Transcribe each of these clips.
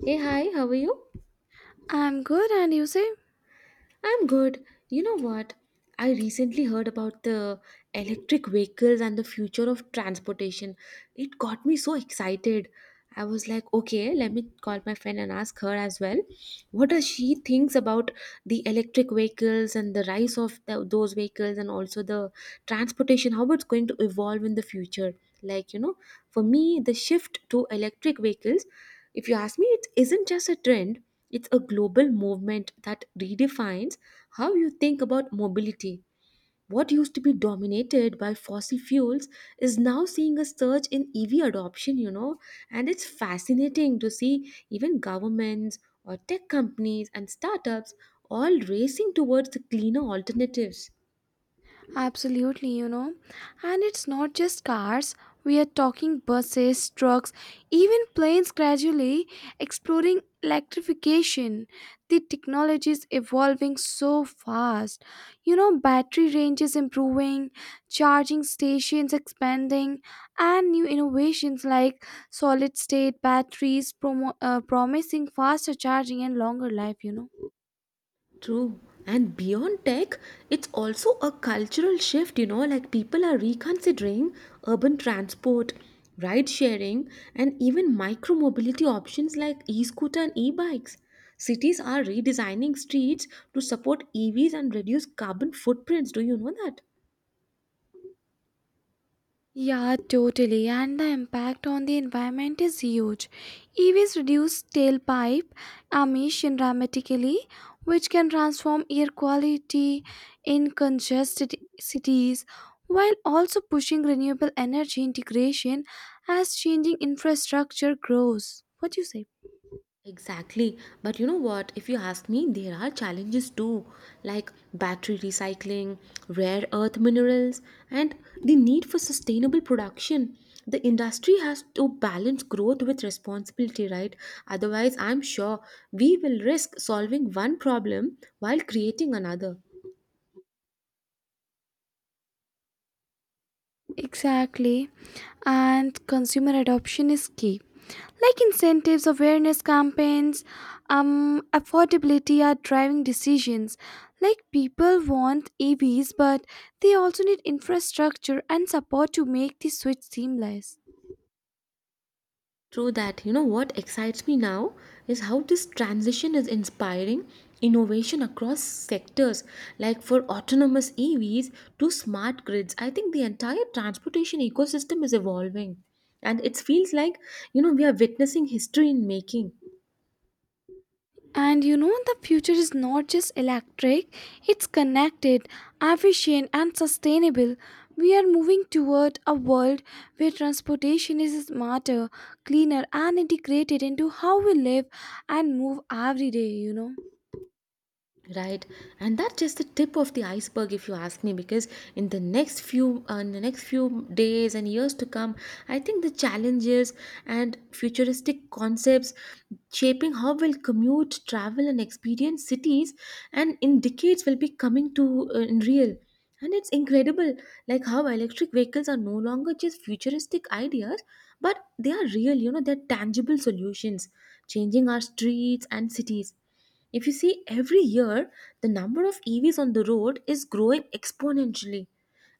Hey, hi, how are you? I'm good, and you say? I'm good. You know what? I recently heard about the electric vehicles and the future of transportation. It got me so excited. I was like, okay, let me call my friend and ask her as well what does she thinks about the electric vehicles and the rise of those vehicles and also the transportation, how it's going to evolve in the future. Like, you know, for me, the shift to electric vehicles, if you ask me, it isn't just a trend, it's a global movement that redefines how you think about mobility. What used to be dominated by fossil fuels is now seeing a surge in EV adoption, you know, and it's fascinating to see even governments or tech companies and startups all racing towards the cleaner alternatives. Absolutely, you know. And it's not just cars. We are talking buses, trucks, even planes gradually exploring electrification. The technology is evolving so fast. You know, battery range is improving, charging stations expanding, and new innovations like solid state batteries promising faster charging and longer life, you know. True. And beyond tech, it's also a cultural shift, you know, like people are reconsidering urban transport, ride sharing, and even micro mobility options like e scooter and e bikes. Cities are redesigning streets to support EVs and reduce carbon footprints. Do you know that? Yeah, totally. And the impact on the environment is huge. EVs reduce tailpipe emission dramatically, which can transform air quality in congested cities, while also pushing renewable energy integration as changing infrastructure grows. What do you say? Exactly. But you know what? If you ask me, there are challenges too, like battery recycling, rare earth minerals, and the need for sustainable production. The industry has to balance growth with responsibility, right? Otherwise, I'm sure we will risk solving one problem while creating another. Exactly. And consumer adoption is key, like incentives, awareness campaigns, affordability are driving decisions. Like people want EVs, but they also need infrastructure and support to make the switch seamless. True that. You know what excites me now is how this transition is inspiring innovation across sectors, like for autonomous EVs to smart grids. I think the entire transportation ecosystem is evolving, and it feels like, you know, we are witnessing history in making. And you know, the future is not just electric, it's connected, efficient, and sustainable. We are moving toward a world where transportation is smarter, cleaner, and integrated into how we live and move every day, you know. Right, and that's just the tip of the iceberg, if you ask me, because in the next few days and years to come, I think the challenges and futuristic concepts shaping how we'll commute, travel, and experience cities, and in decades will be coming to in real. And it's incredible, like how electric vehicles are no longer just futuristic ideas, but they are real. You know, they're tangible solutions, changing our streets and cities. If you see, every year the number of EVs on the road is growing exponentially,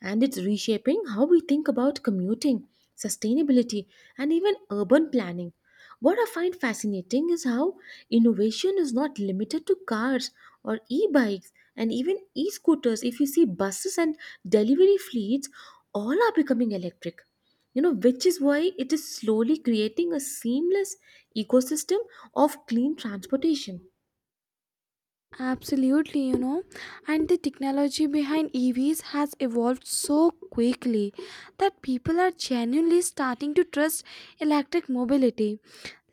and it's reshaping how we think about commuting, sustainability, and even urban planning. What I find fascinating is how innovation is not limited to cars or e bikes and even e scooters. If you see buses and delivery fleets, all are becoming electric. You know, which is why it is slowly creating a seamless ecosystem of clean transportation. Absolutely, you know, and the technology behind EVs has evolved so quickly that people are genuinely starting to trust electric mobility.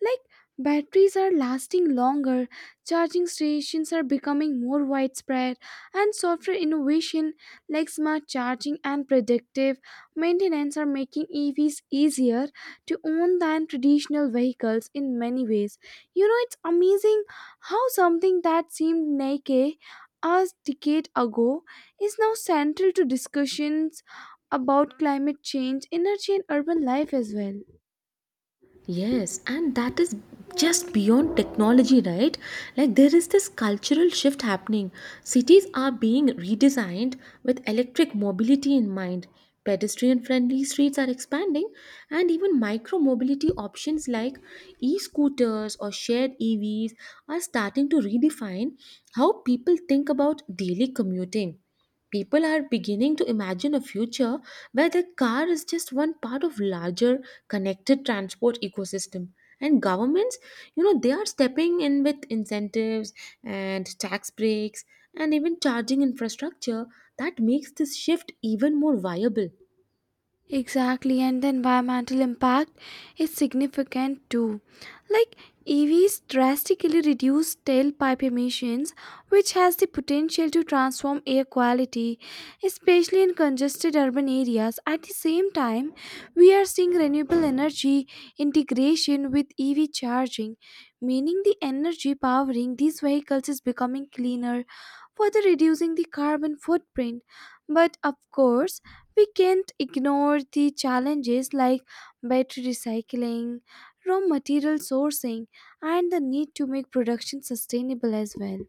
Like, batteries are lasting longer, charging stations are becoming more widespread, and software innovation like smart charging and predictive maintenance are making EVs easier to own than traditional vehicles in many ways. You know, it's amazing how something that seemed naked a decade ago is now central to discussions about climate change, energy, and urban life as well. Yes, and that is just beyond technology, right? Like there is this cultural shift happening. Cities are being redesigned with electric mobility in mind. Pedestrian friendly streets are expanding, and even micro mobility options like e scooters or shared EVs are starting to redefine how people think about daily commuting. People are beginning to imagine a future where the car is just one part of larger connected transport ecosystem, and governments, you know, they are stepping in with incentives and tax breaks and even charging infrastructure that makes this shift even more viable, Exactly, and the environmental impact is significant too. Like, EVs drastically reduce tailpipe emissions, which has the potential to transform air quality, especially in congested urban areas. At the same time, we are seeing renewable energy integration with EV charging, meaning the energy powering these vehicles is becoming cleaner, further reducing the carbon footprint. But of course, we can't ignore the challenges like battery recycling, raw material sourcing, and the need to make production sustainable as well.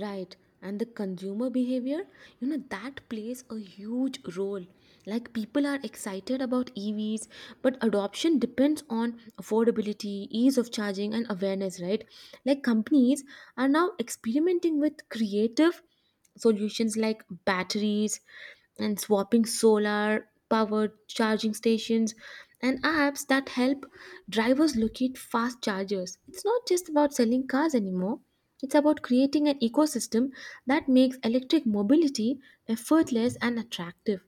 right? And the consumer behavior, you know, that plays a huge role. Like people are excited about EVs, but adoption depends on affordability, ease of charging, and awareness, right? Like companies are now experimenting with creative solutions like batteries and swapping solar powered charging stations and apps that help drivers locate fast chargers. It's not just about selling cars anymore. It's about creating an ecosystem that makes electric mobility effortless and attractive.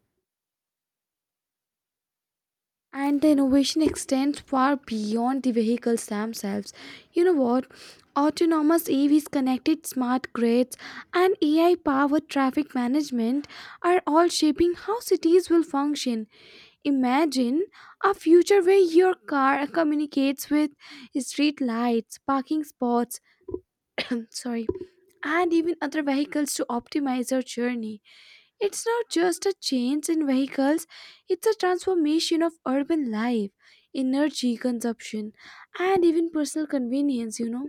And the innovation extends far beyond the vehicles themselves. You know what? Autonomous EVs, connected smart grids, and AI powered traffic management are all shaping how cities will function. Imagine a future where your car communicates with street lights, parking spots, sorry, and even other vehicles to optimize your journey. It's not just a change in vehicles, it's a transformation of urban life, energy consumption, and even personal convenience, you know.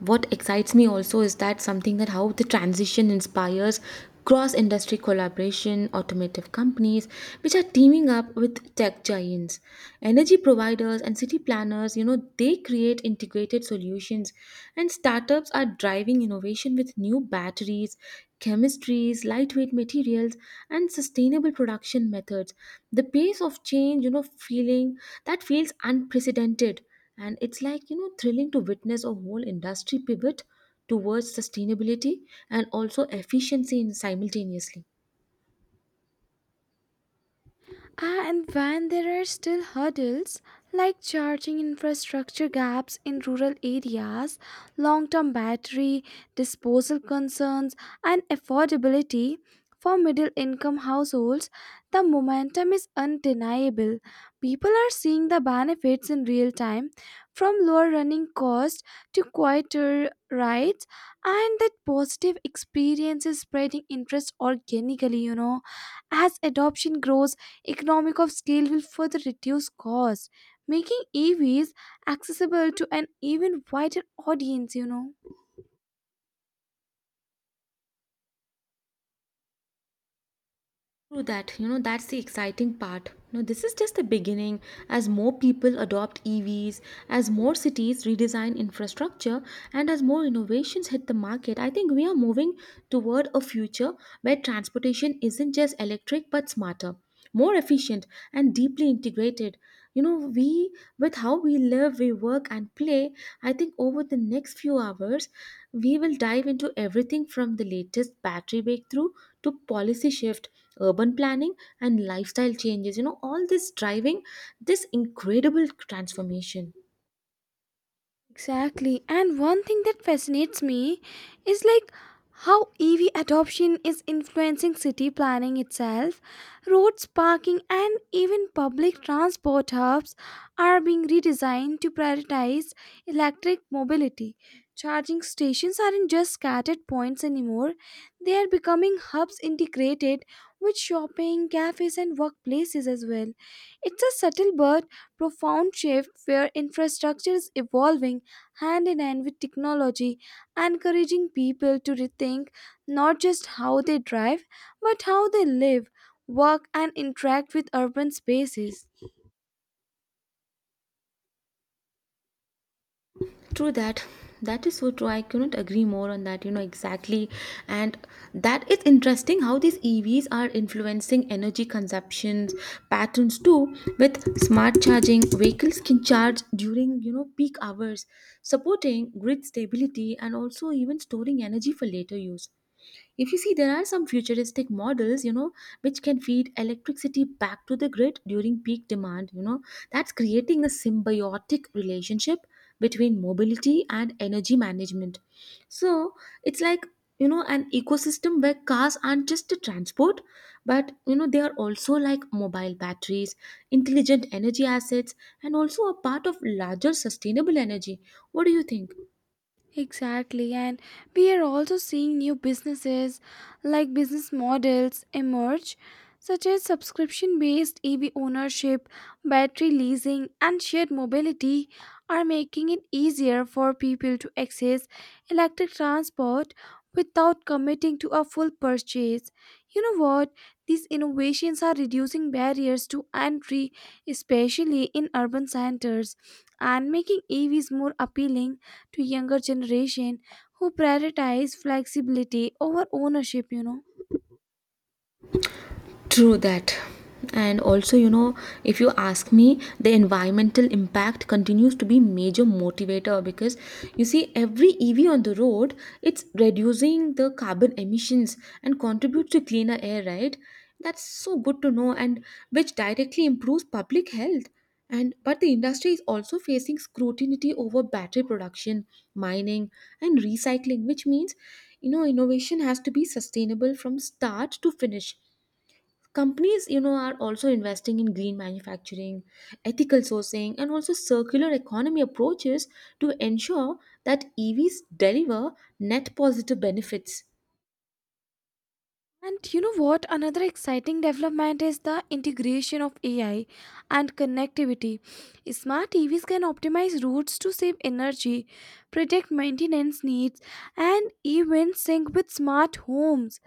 What excites me also is that something that how the transition inspires cross industry collaboration, automotive companies which are teaming up with tech giants, energy providers, and city planners. You know, they create integrated solutions, and startups are driving innovation with new batteries, chemistries, lightweight materials, and sustainable production methods. The pace of change, you know, feeling that feels unprecedented, and it's like, you know, thrilling to witness a whole industry pivot towards sustainability and also efficiency in simultaneously. Ah, and when there are still hurdles like charging infrastructure gaps in rural areas, long term battery, disposal concerns, and affordability for middle income households, the momentum is undeniable. People are seeing the benefits in real time from lower running costs to quieter rides, and that positive experience is spreading interest organically, you know, as adoption grows economic of scale will further reduce cost, making EVs accessible to an even wider audience, you know. True that, you know, that's the exciting part. No, this is just the beginning. As more people adopt EVs, as more cities redesign infrastructure, and as more innovations hit the market, I think we are moving toward a future where transportation isn't just electric but smarter, more efficient, and deeply integrated. You know, with how we live, we work, and play, I think over the next few hours, we will dive into everything from the latest battery breakthrough to policy shift, urban planning, and lifestyle changes, you know, all this driving this incredible transformation. Exactly. And one thing that fascinates me is like how EV adoption is influencing city planning itself. Roads, parking, and even public transport hubs are being redesigned to prioritize electric mobility. Charging stations aren't just scattered points anymore, they are becoming hubs integrated with shopping, cafes, and workplaces as well. It's a subtle but profound shift where infrastructure is evolving hand in hand with technology, encouraging people to rethink not just how they drive, but how they live, work, and interact with urban spaces. True that. That is so true. I couldn't agree more on that, you know. Exactly. And that is interesting how these EVs are influencing energy consumptions patterns too. With smart charging, vehicles can charge during, you know, peak hours, supporting grid stability and also even storing energy for later use. If you see, there are some futuristic models, you know, which can feed electricity back to the grid during peak demand, you know, that's creating a symbiotic relationship between mobility and energy management. So it's like, you know, an ecosystem where cars aren't just a transport, but, you know, they are also like mobile batteries, intelligent energy assets, and also a part of larger sustainable energy. What do you think? Exactly, and we are also seeing new businesses, like, business models emerge, such as subscription based EV ownership, battery leasing, and shared mobility, are making it easier for people to access electric transport without committing to a full purchase. You know what? These innovations are reducing barriers to entry, especially in urban centers, and making EVs more appealing to younger generation who prioritize flexibility over ownership, you know. True that. And also, you know, if you ask me, the environmental impact continues to be major motivator because you see every EV on the road, it's reducing the carbon emissions and contributes to cleaner air, right? That's so good to know. And which directly improves public health. And but the industry is also facing scrutiny over battery production, mining, and recycling, which means, you know, innovation has to be sustainable from start to finish. Companies, you know, are also investing in green manufacturing, ethical sourcing, and also circular economy approaches to ensure that EVs deliver net positive benefits. And you know what? Another exciting development is the integration of AI and connectivity. Smart TVs can optimize routes to save energy, predict maintenance needs, and even sync with smart homes.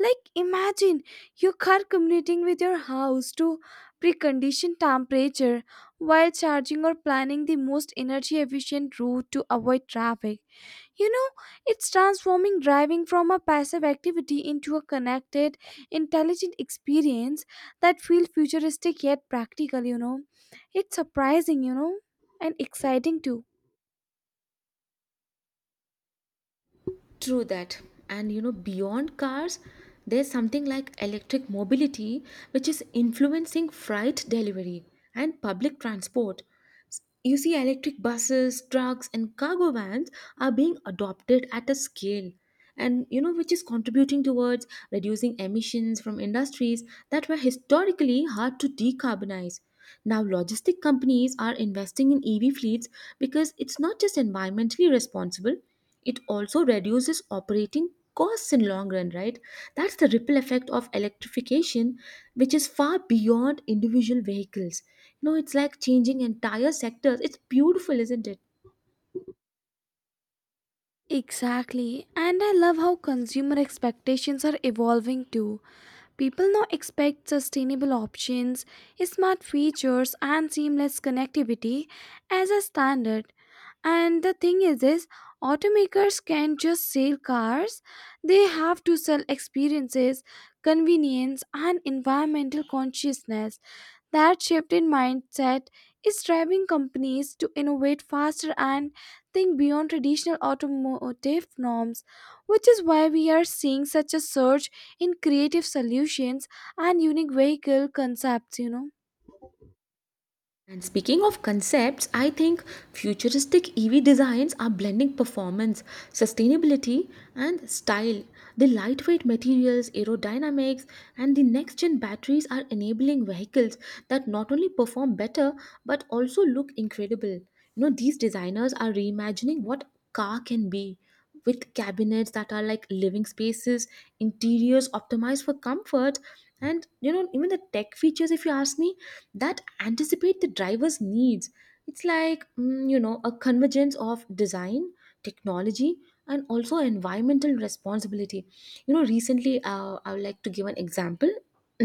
Like, imagine your car communicating with your house to precondition temperature while charging or planning the most energy efficient route to avoid traffic. You know, it's transforming driving from a passive activity into a connected, intelligent experience that feels futuristic yet practical, you know. It's surprising, you know, and exciting too. True that. And you know, beyond cars, there's something like electric mobility, which is influencing freight delivery and public transport. You see, electric buses, trucks, and cargo vans are being adopted at a scale, and you know, which is contributing towards reducing emissions from industries that were historically hard to decarbonize. Now, logistic companies are investing in EV fleets because it's not just environmentally responsible, it also reduces operating costs in long run, right? That's the ripple effect of electrification, which is far beyond individual vehicles. You know, it's like changing entire sectors. It's beautiful, isn't it? Exactly. And I love how consumer expectations are evolving too. People now expect sustainable options, smart features, and seamless connectivity as a standard. And the thing is this, automakers can't just sell cars. They have to sell experiences, convenience and environmental consciousness. That shift in mindset is driving companies to innovate faster and think beyond traditional automotive norms, which is why we are seeing such a surge in creative solutions and unique vehicle concepts, you know. And speaking of concepts, I think futuristic EV designs are blending performance, sustainability, and style. The lightweight materials, aerodynamics, and the next gen batteries are enabling vehicles that not only perform better but also look incredible. You know, these designers are reimagining what car can be with cabinets that are like living spaces, interiors optimized for comfort, and you know, even the tech features, if you ask me, that anticipate the driver's needs. It's like, you know, a convergence of design, technology, and also environmental responsibility. You know, recently I would like to give an example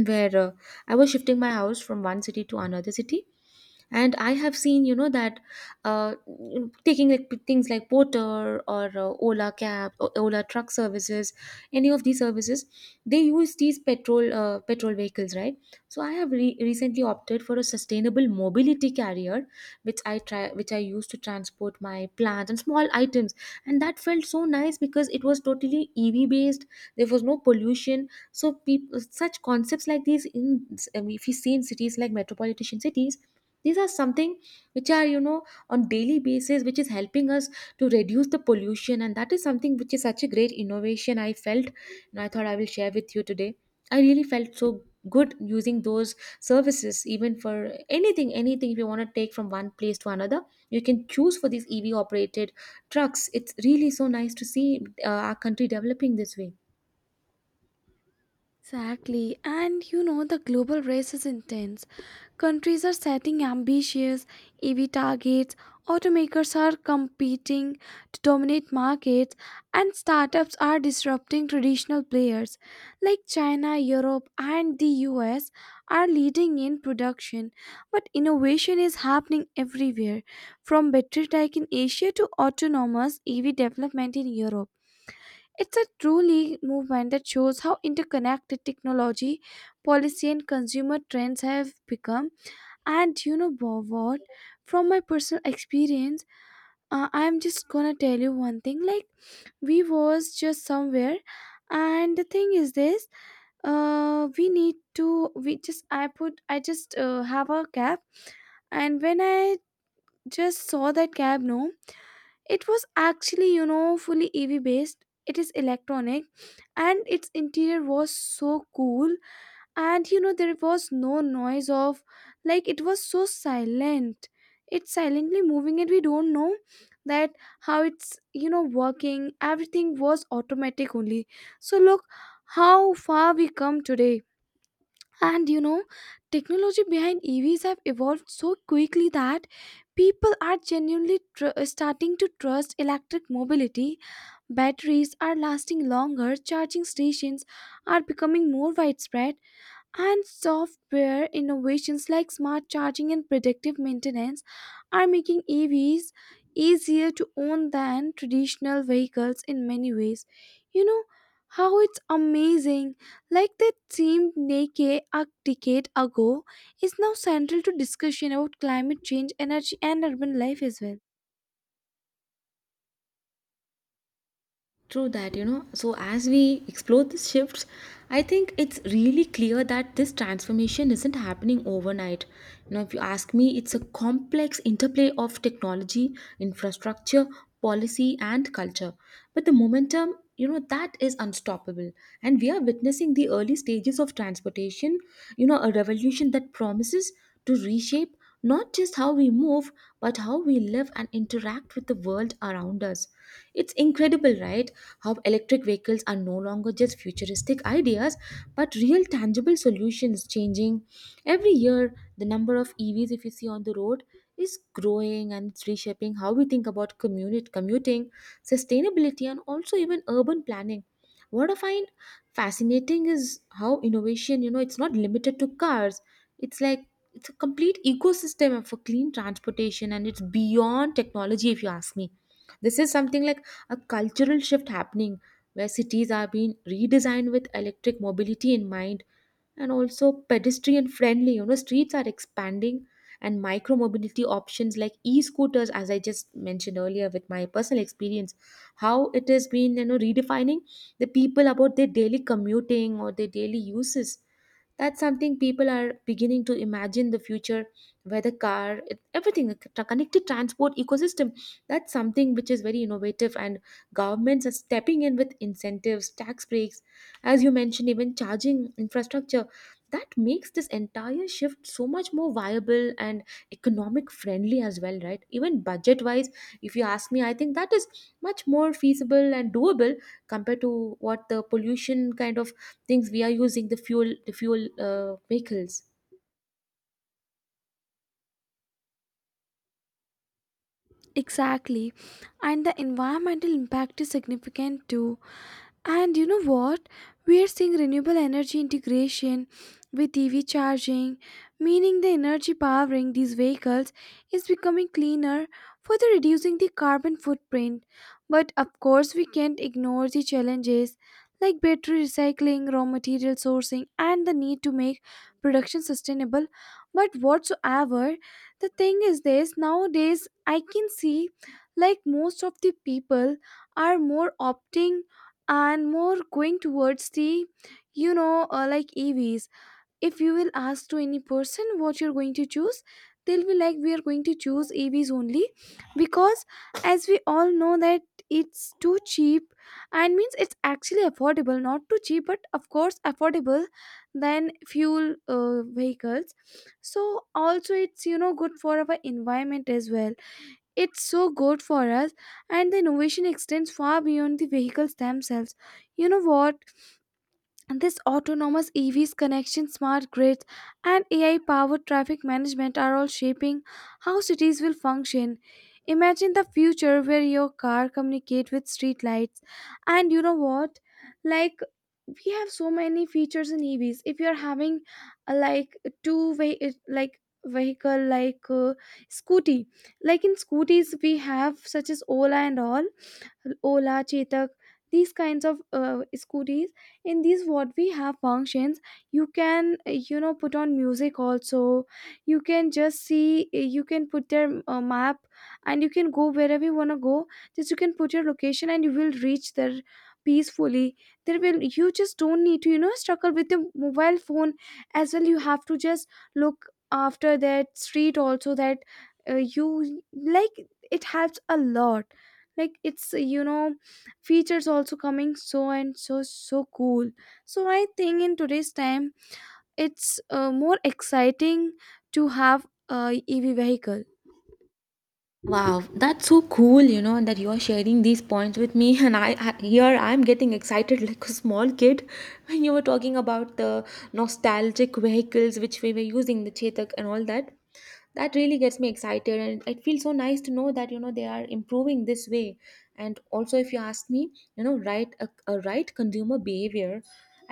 where I was shifting my house from one city to another city, and I have seen, you know, that uh, taking like things like Porter or Ola cab or Ola truck services, any of these services, they use these petrol vehicles, right? So I have recently opted for a sustainable mobility carrier which I use to transport my plants and small items, and that felt so nice because it was totally EV based. There was no pollution. So people such concepts like these in, I mean, if you see in cities like metropolitan cities, these are something which are, you know, on daily basis which is helping us to reduce the pollution, and that is something which is such a great innovation I felt, and I thought I will share with you today. I really felt so good using those services. Even for anything, if you want to take from one place to another, you can choose for these EV operated trucks. It's really so nice to see our country developing this way. Exactly. And you know, the global race is intense. Countries are setting ambitious EV targets, automakers are competing to dominate markets, and startups are disrupting traditional players. Like China, Europe, and the US are leading in production, but innovation is happening everywhere, from battery tech in Asia to autonomous EV development in Europe. It's a truly movement that shows how interconnected technology, policy, and consumer trends have become. And you know, what? From my personal experience, I'm just gonna tell you one thing. Like, we was just somewhere, and the thing is this: we need to. We just I put I just have a cab, and when I just saw that cab, no, it was actually, you know, fully EV based. It is electronic and its interior was so cool. And you know, there was no noise of, like, it was so silent. It's silently moving, and we don't know that how it's, you know, working. Everything was automatic only. So, look how far we come today, and you know, technology behind EVs have evolved so quickly that people are starting to trust electric mobility. Batteries are lasting longer, charging stations are becoming more widespread, and software innovations like smart charging and predictive maintenance are making EVs easier to own than traditional vehicles in many ways. You know, how it's amazing, like that seemed naked a decade ago, is now central to discussion about climate change, energy, and urban life as well. True that, you know. So, as we explore these shifts, I think it's really clear that this transformation isn't happening overnight. You know, if you ask me, it's a complex interplay of technology, infrastructure, policy, and culture. But the momentum, you know, that is unstoppable. And we are witnessing the early stages of transportation, you know, a revolution that promises to reshape not just how we move, but how we live and interact with the world around us. It's incredible, right? How electric vehicles are no longer just futuristic ideas but real tangible solutions changing every year. The number of EVs, if you see, on the road is growing, and it's reshaping how we think about commuting, sustainability, and also even urban planning. What I find fascinating is how innovation, it's not limited to cars. It's like it's a complete ecosystem for clean transportation, and it's beyond technology, if you ask me. This is something like a cultural shift happening where cities are being redesigned with electric mobility in mind, and also pedestrian friendly, streets are expanding, and micro mobility options like e-scooters, as I just mentioned earlier with my personal experience, how it has been, redefining the people about their daily commuting or their daily uses. That's something people are beginning to imagine: the future where the car, everything, connected transport ecosystem. That's something which is very innovative, and governments are stepping in with incentives, tax breaks, as you mentioned, even charging infrastructure. That makes this entire shift so much more viable and economic friendly as well, right? Even budget wise, if you ask me, I think that is much more feasible and doable compared to what the pollution kind of things we are using, the fuel, vehicles. Exactly. And the environmental impact is significant too. And you know what? We are seeing renewable energy integration with EV charging, meaning the energy powering these vehicles is becoming cleaner, further reducing the carbon footprint. But of course, we can't ignore the challenges like battery recycling, raw material sourcing, and the need to make production sustainable. But whatsoever, the thing is this, nowadays I can see like most of the people are more opting and more going towards the, you know, like, EVs. If you will ask to any person what you're going to choose, they'll be like, we are going to choose EVs only, because as we all know that it's too cheap, and means it's actually affordable, not too cheap, but of course affordable than fuel vehicles. So also it's, you know, good for our environment as well. It's so good for us. And the innovation extends far beyond the vehicles themselves. You know what? And this autonomous EVs connection, smart grids, and AI powered traffic management are all shaping how cities will function. Imagine the future where your car communicates with street lights. And you know what? Like, we have so many features in EVs. If you are having a, like, two way, like, vehicle, like, scooty, like, in scooties we have such as ola and all, Ola, Chetak, these kinds of scooters. In these, what we have functions, you can, you know, put on music also. You can just see, you can put their map, and you can go wherever you wanna go. Just you can put your location, and you will reach there peacefully. There will, you just don't need to, you know, struggle with the mobile phone as well. You have to just look after that street also, that you, like, it helps a lot, like, it's, you know, features also coming so and so, so cool. So I think in today's time, it's more exciting to have a EV vehicle. Wow, that's so cool, you know, and that you're sharing these points with me and I here I'm getting excited like a small kid. When you were talking about the nostalgic vehicles which we were using, the Chetak and all that, that really gets me excited, and it feels so nice to know that, you know, they are improving this way. And also, if you ask me, you know, right, a right consumer behavior,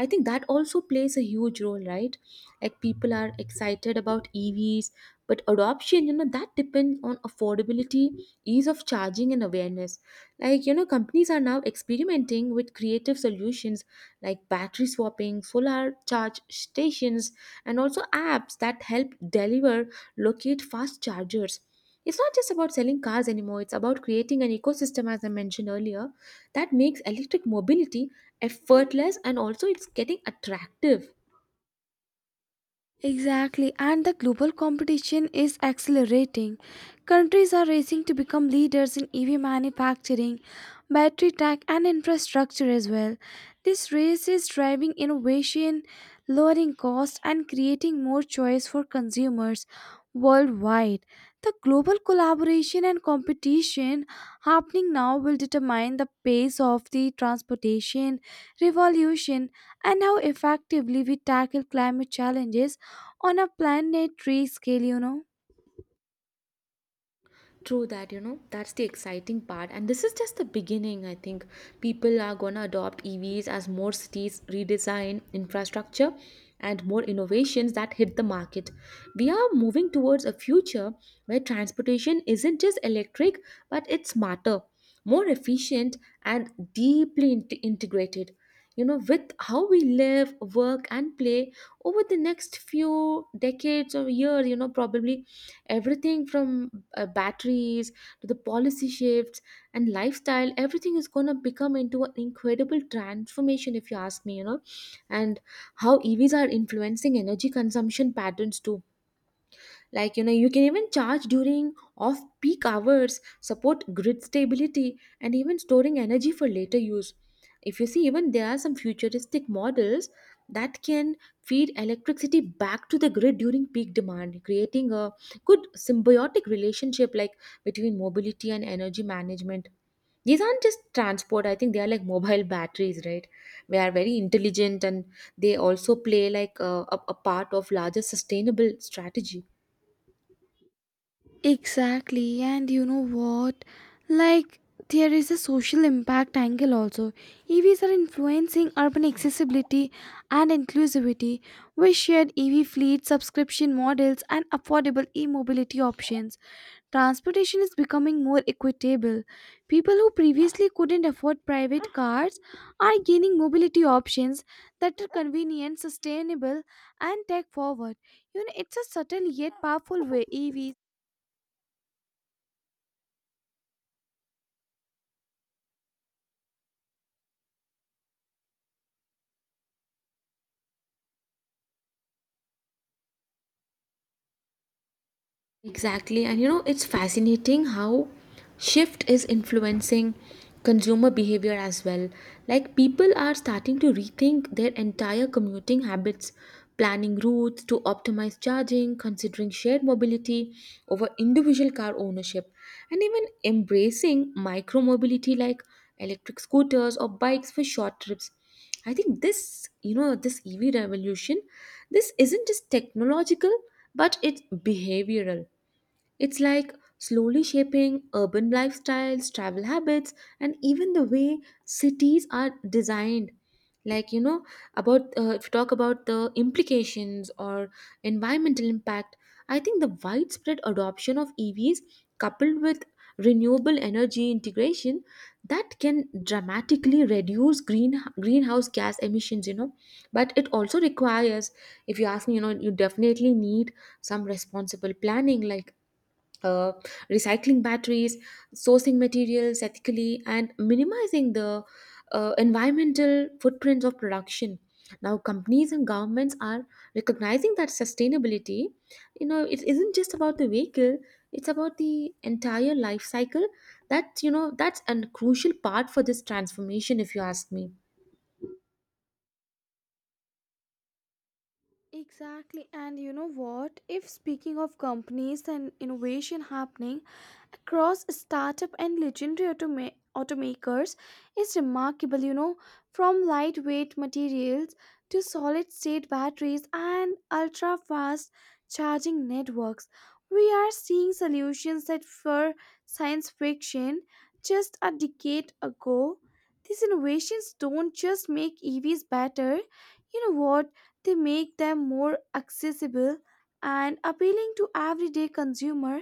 I think that also plays a huge role, right? Like, people are excited about EVs, but adoption, you know, that depends on affordability, ease of charging, and awareness. Like, you know, companies are now experimenting with creative solutions like battery swapping, solar charge stations, and also apps that help deliver, locate fast chargers. It's not just about selling cars anymore, it's about creating an ecosystem, as I mentioned earlier, that makes electric mobility effortless, and also it's getting attractive. Exactly, and the global competition is accelerating. Countries are racing to become leaders in EV manufacturing, battery tech, and infrastructure as well. This race is driving innovation, lowering costs, and creating more choice for consumers worldwide. The global collaboration and competition happening now will determine the pace of the transportation revolution and how effectively we tackle climate challenges on a planetary scale, you know. True that, you know, that's the exciting part. And this is just the beginning, I think. People are gonna adopt EVs as more cities redesign infrastructure and more innovations that hit the market. We are moving towards a future where transportation isn't just electric, but it's smarter, more efficient, and deeply integrated. You know, with how we live, work, and play over the next few decades or years, you know, probably everything from batteries to the policy shifts and lifestyle, everything is going to become into an incredible transformation, if you ask me, you know. And how EVs are influencing energy consumption patterns too. Like, you know, you can even charge during off peak hours, support grid stability, and even storing energy for later use. If you see, even there are some futuristic models that can feed electricity back to the grid during peak demand, creating a good symbiotic relationship, like, between mobility and energy management. These aren't just transport, I think they are like mobile batteries, right? They are very intelligent, and they also play like a part of larger sustainable strategy. Exactly, and you know what? Like, there is a social impact angle also. EVs are influencing urban accessibility and inclusivity with shared EV fleet subscription models and affordable e mobility options. Transportation is becoming more equitable. People who previously couldn't afford private cars are gaining mobility options that are convenient, sustainable, and tech forward. You know, it's a subtle yet powerful way EVs. Exactly, and you know, it's fascinating how shift is influencing consumer behavior as well. Like, people are starting to rethink their entire commuting habits, planning routes to optimize charging, considering shared mobility over individual car ownership, and even embracing micro mobility like electric scooters or bikes for short trips. I think this, you know, this EV revolution, this isn't just technological, but it's behavioral. It's like slowly shaping urban lifestyles, travel habits, and even the way cities are designed. Like, you know, about if you talk about the implications or environmental impact, I think the widespread adoption of EVs coupled with renewable energy integration, that can dramatically reduce greenhouse gas emissions, you know. But it also requires, if you ask me, you know, you definitely need some responsible planning, like, uh, recycling batteries, sourcing materials ethically, and minimizing the environmental footprints of production. Now, companies and governments are recognizing that sustainability, you know, it isn't just about the vehicle; it's about the entire life cycle. That, you know, that's a crucial part for this transformation, if you ask me. Exactly. And you know what? If speaking of companies and innovation happening, across startup and legendary automakers is remarkable, you know, from lightweight materials to solid state batteries and ultra fast charging networks. We are seeing solutions that were science fiction just a decade ago. These innovations don't just make EVs better, you know what? They make them more accessible and appealing to everyday consumer,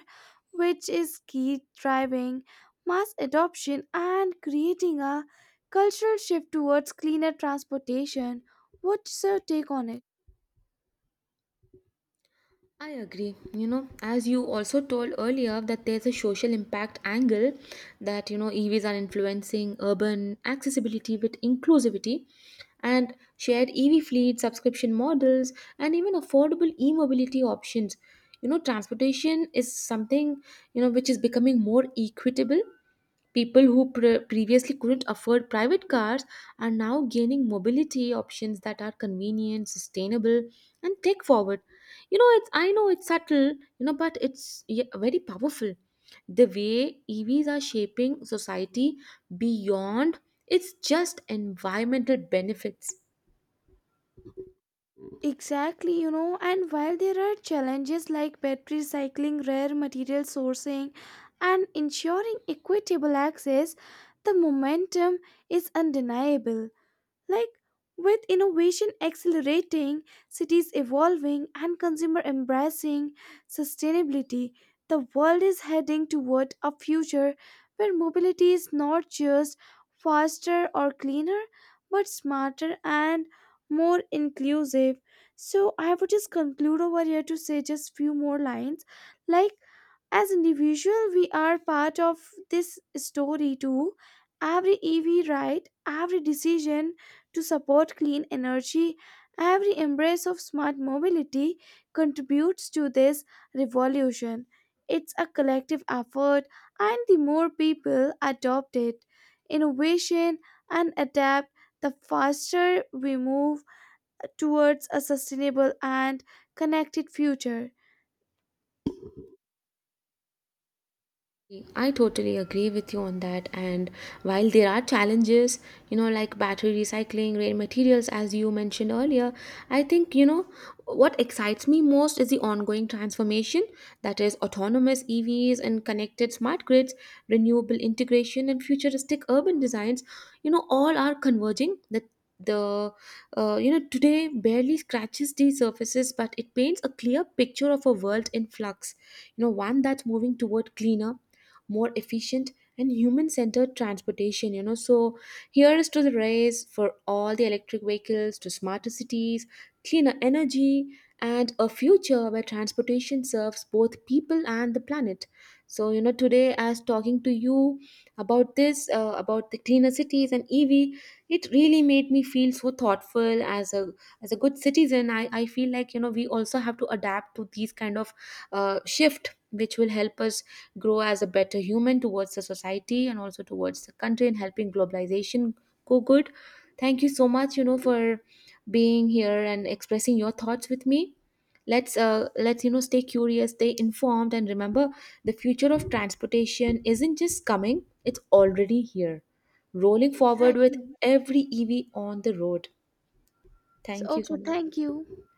which is key driving mass adoption and creating a cultural shift towards cleaner transportation. What's your take on it? I agree. You know, as you also told earlier, that there's a social impact angle that, you know, EVs are influencing urban accessibility with inclusivity and shared EV fleet, subscription models, and even affordable e mobility options. You know, transportation is something, you know, which is becoming more equitable. People who previously couldn't afford private cars are now gaining mobility options that are convenient, sustainable, and tech forward. You know, it's, I know it's subtle, you know, but it's, yeah, very powerful, the way EVs are shaping society beyond its just environmental benefits. Exactly, you know, and while there are challenges like battery recycling, rare material sourcing, and ensuring equitable access, the momentum is undeniable. Like, with innovation accelerating, cities evolving, and consumer embracing sustainability, the world is heading toward a future where mobility is not just faster or cleaner, but smarter and more inclusive. So I would just conclude over here to say just few more lines. Like, as individual we are part of this story too, every EV ride, every decision to support clean energy. Every embrace of smart mobility contributes to this revolution. It's a collective effort, and the more people adopt it, innovation, and adapt, the faster we move towards a sustainable and connected future. I totally agree with you on that. And while there are challenges, you know, like battery recycling, rare materials, as you mentioned earlier, I think, you know, what excites me most is the ongoing transformation, that is, autonomous EVs and connected smart grids, renewable integration, and futuristic urban designs, you know, all are converging. The You know, today barely scratches the surfaces, but it paints a clear picture of a world in flux, you know, one that's moving toward cleaner, more efficient, and human centered transportation, you know. So here is to the race for all the electric vehicles, to smarter cities, cleaner energy, and a future where transportation serves both people and the planet. So, you know, today, as talking to you about this about the cleaner cities and EV, it really made me feel so thoughtful. As a as a good citizen, I feel like, you know, we also have to adapt to these kind of shift, which will help us grow as a better human towards the society and also towards the country, and helping globalization go good. Thank you so much, you know, for being here and expressing your thoughts with me. Let's, you know, stay curious, stay informed, and remember: the future of transportation isn't just coming; it's already here, rolling forward with Exactly. every EV on the road. So, Thank you okay, so much. thank you.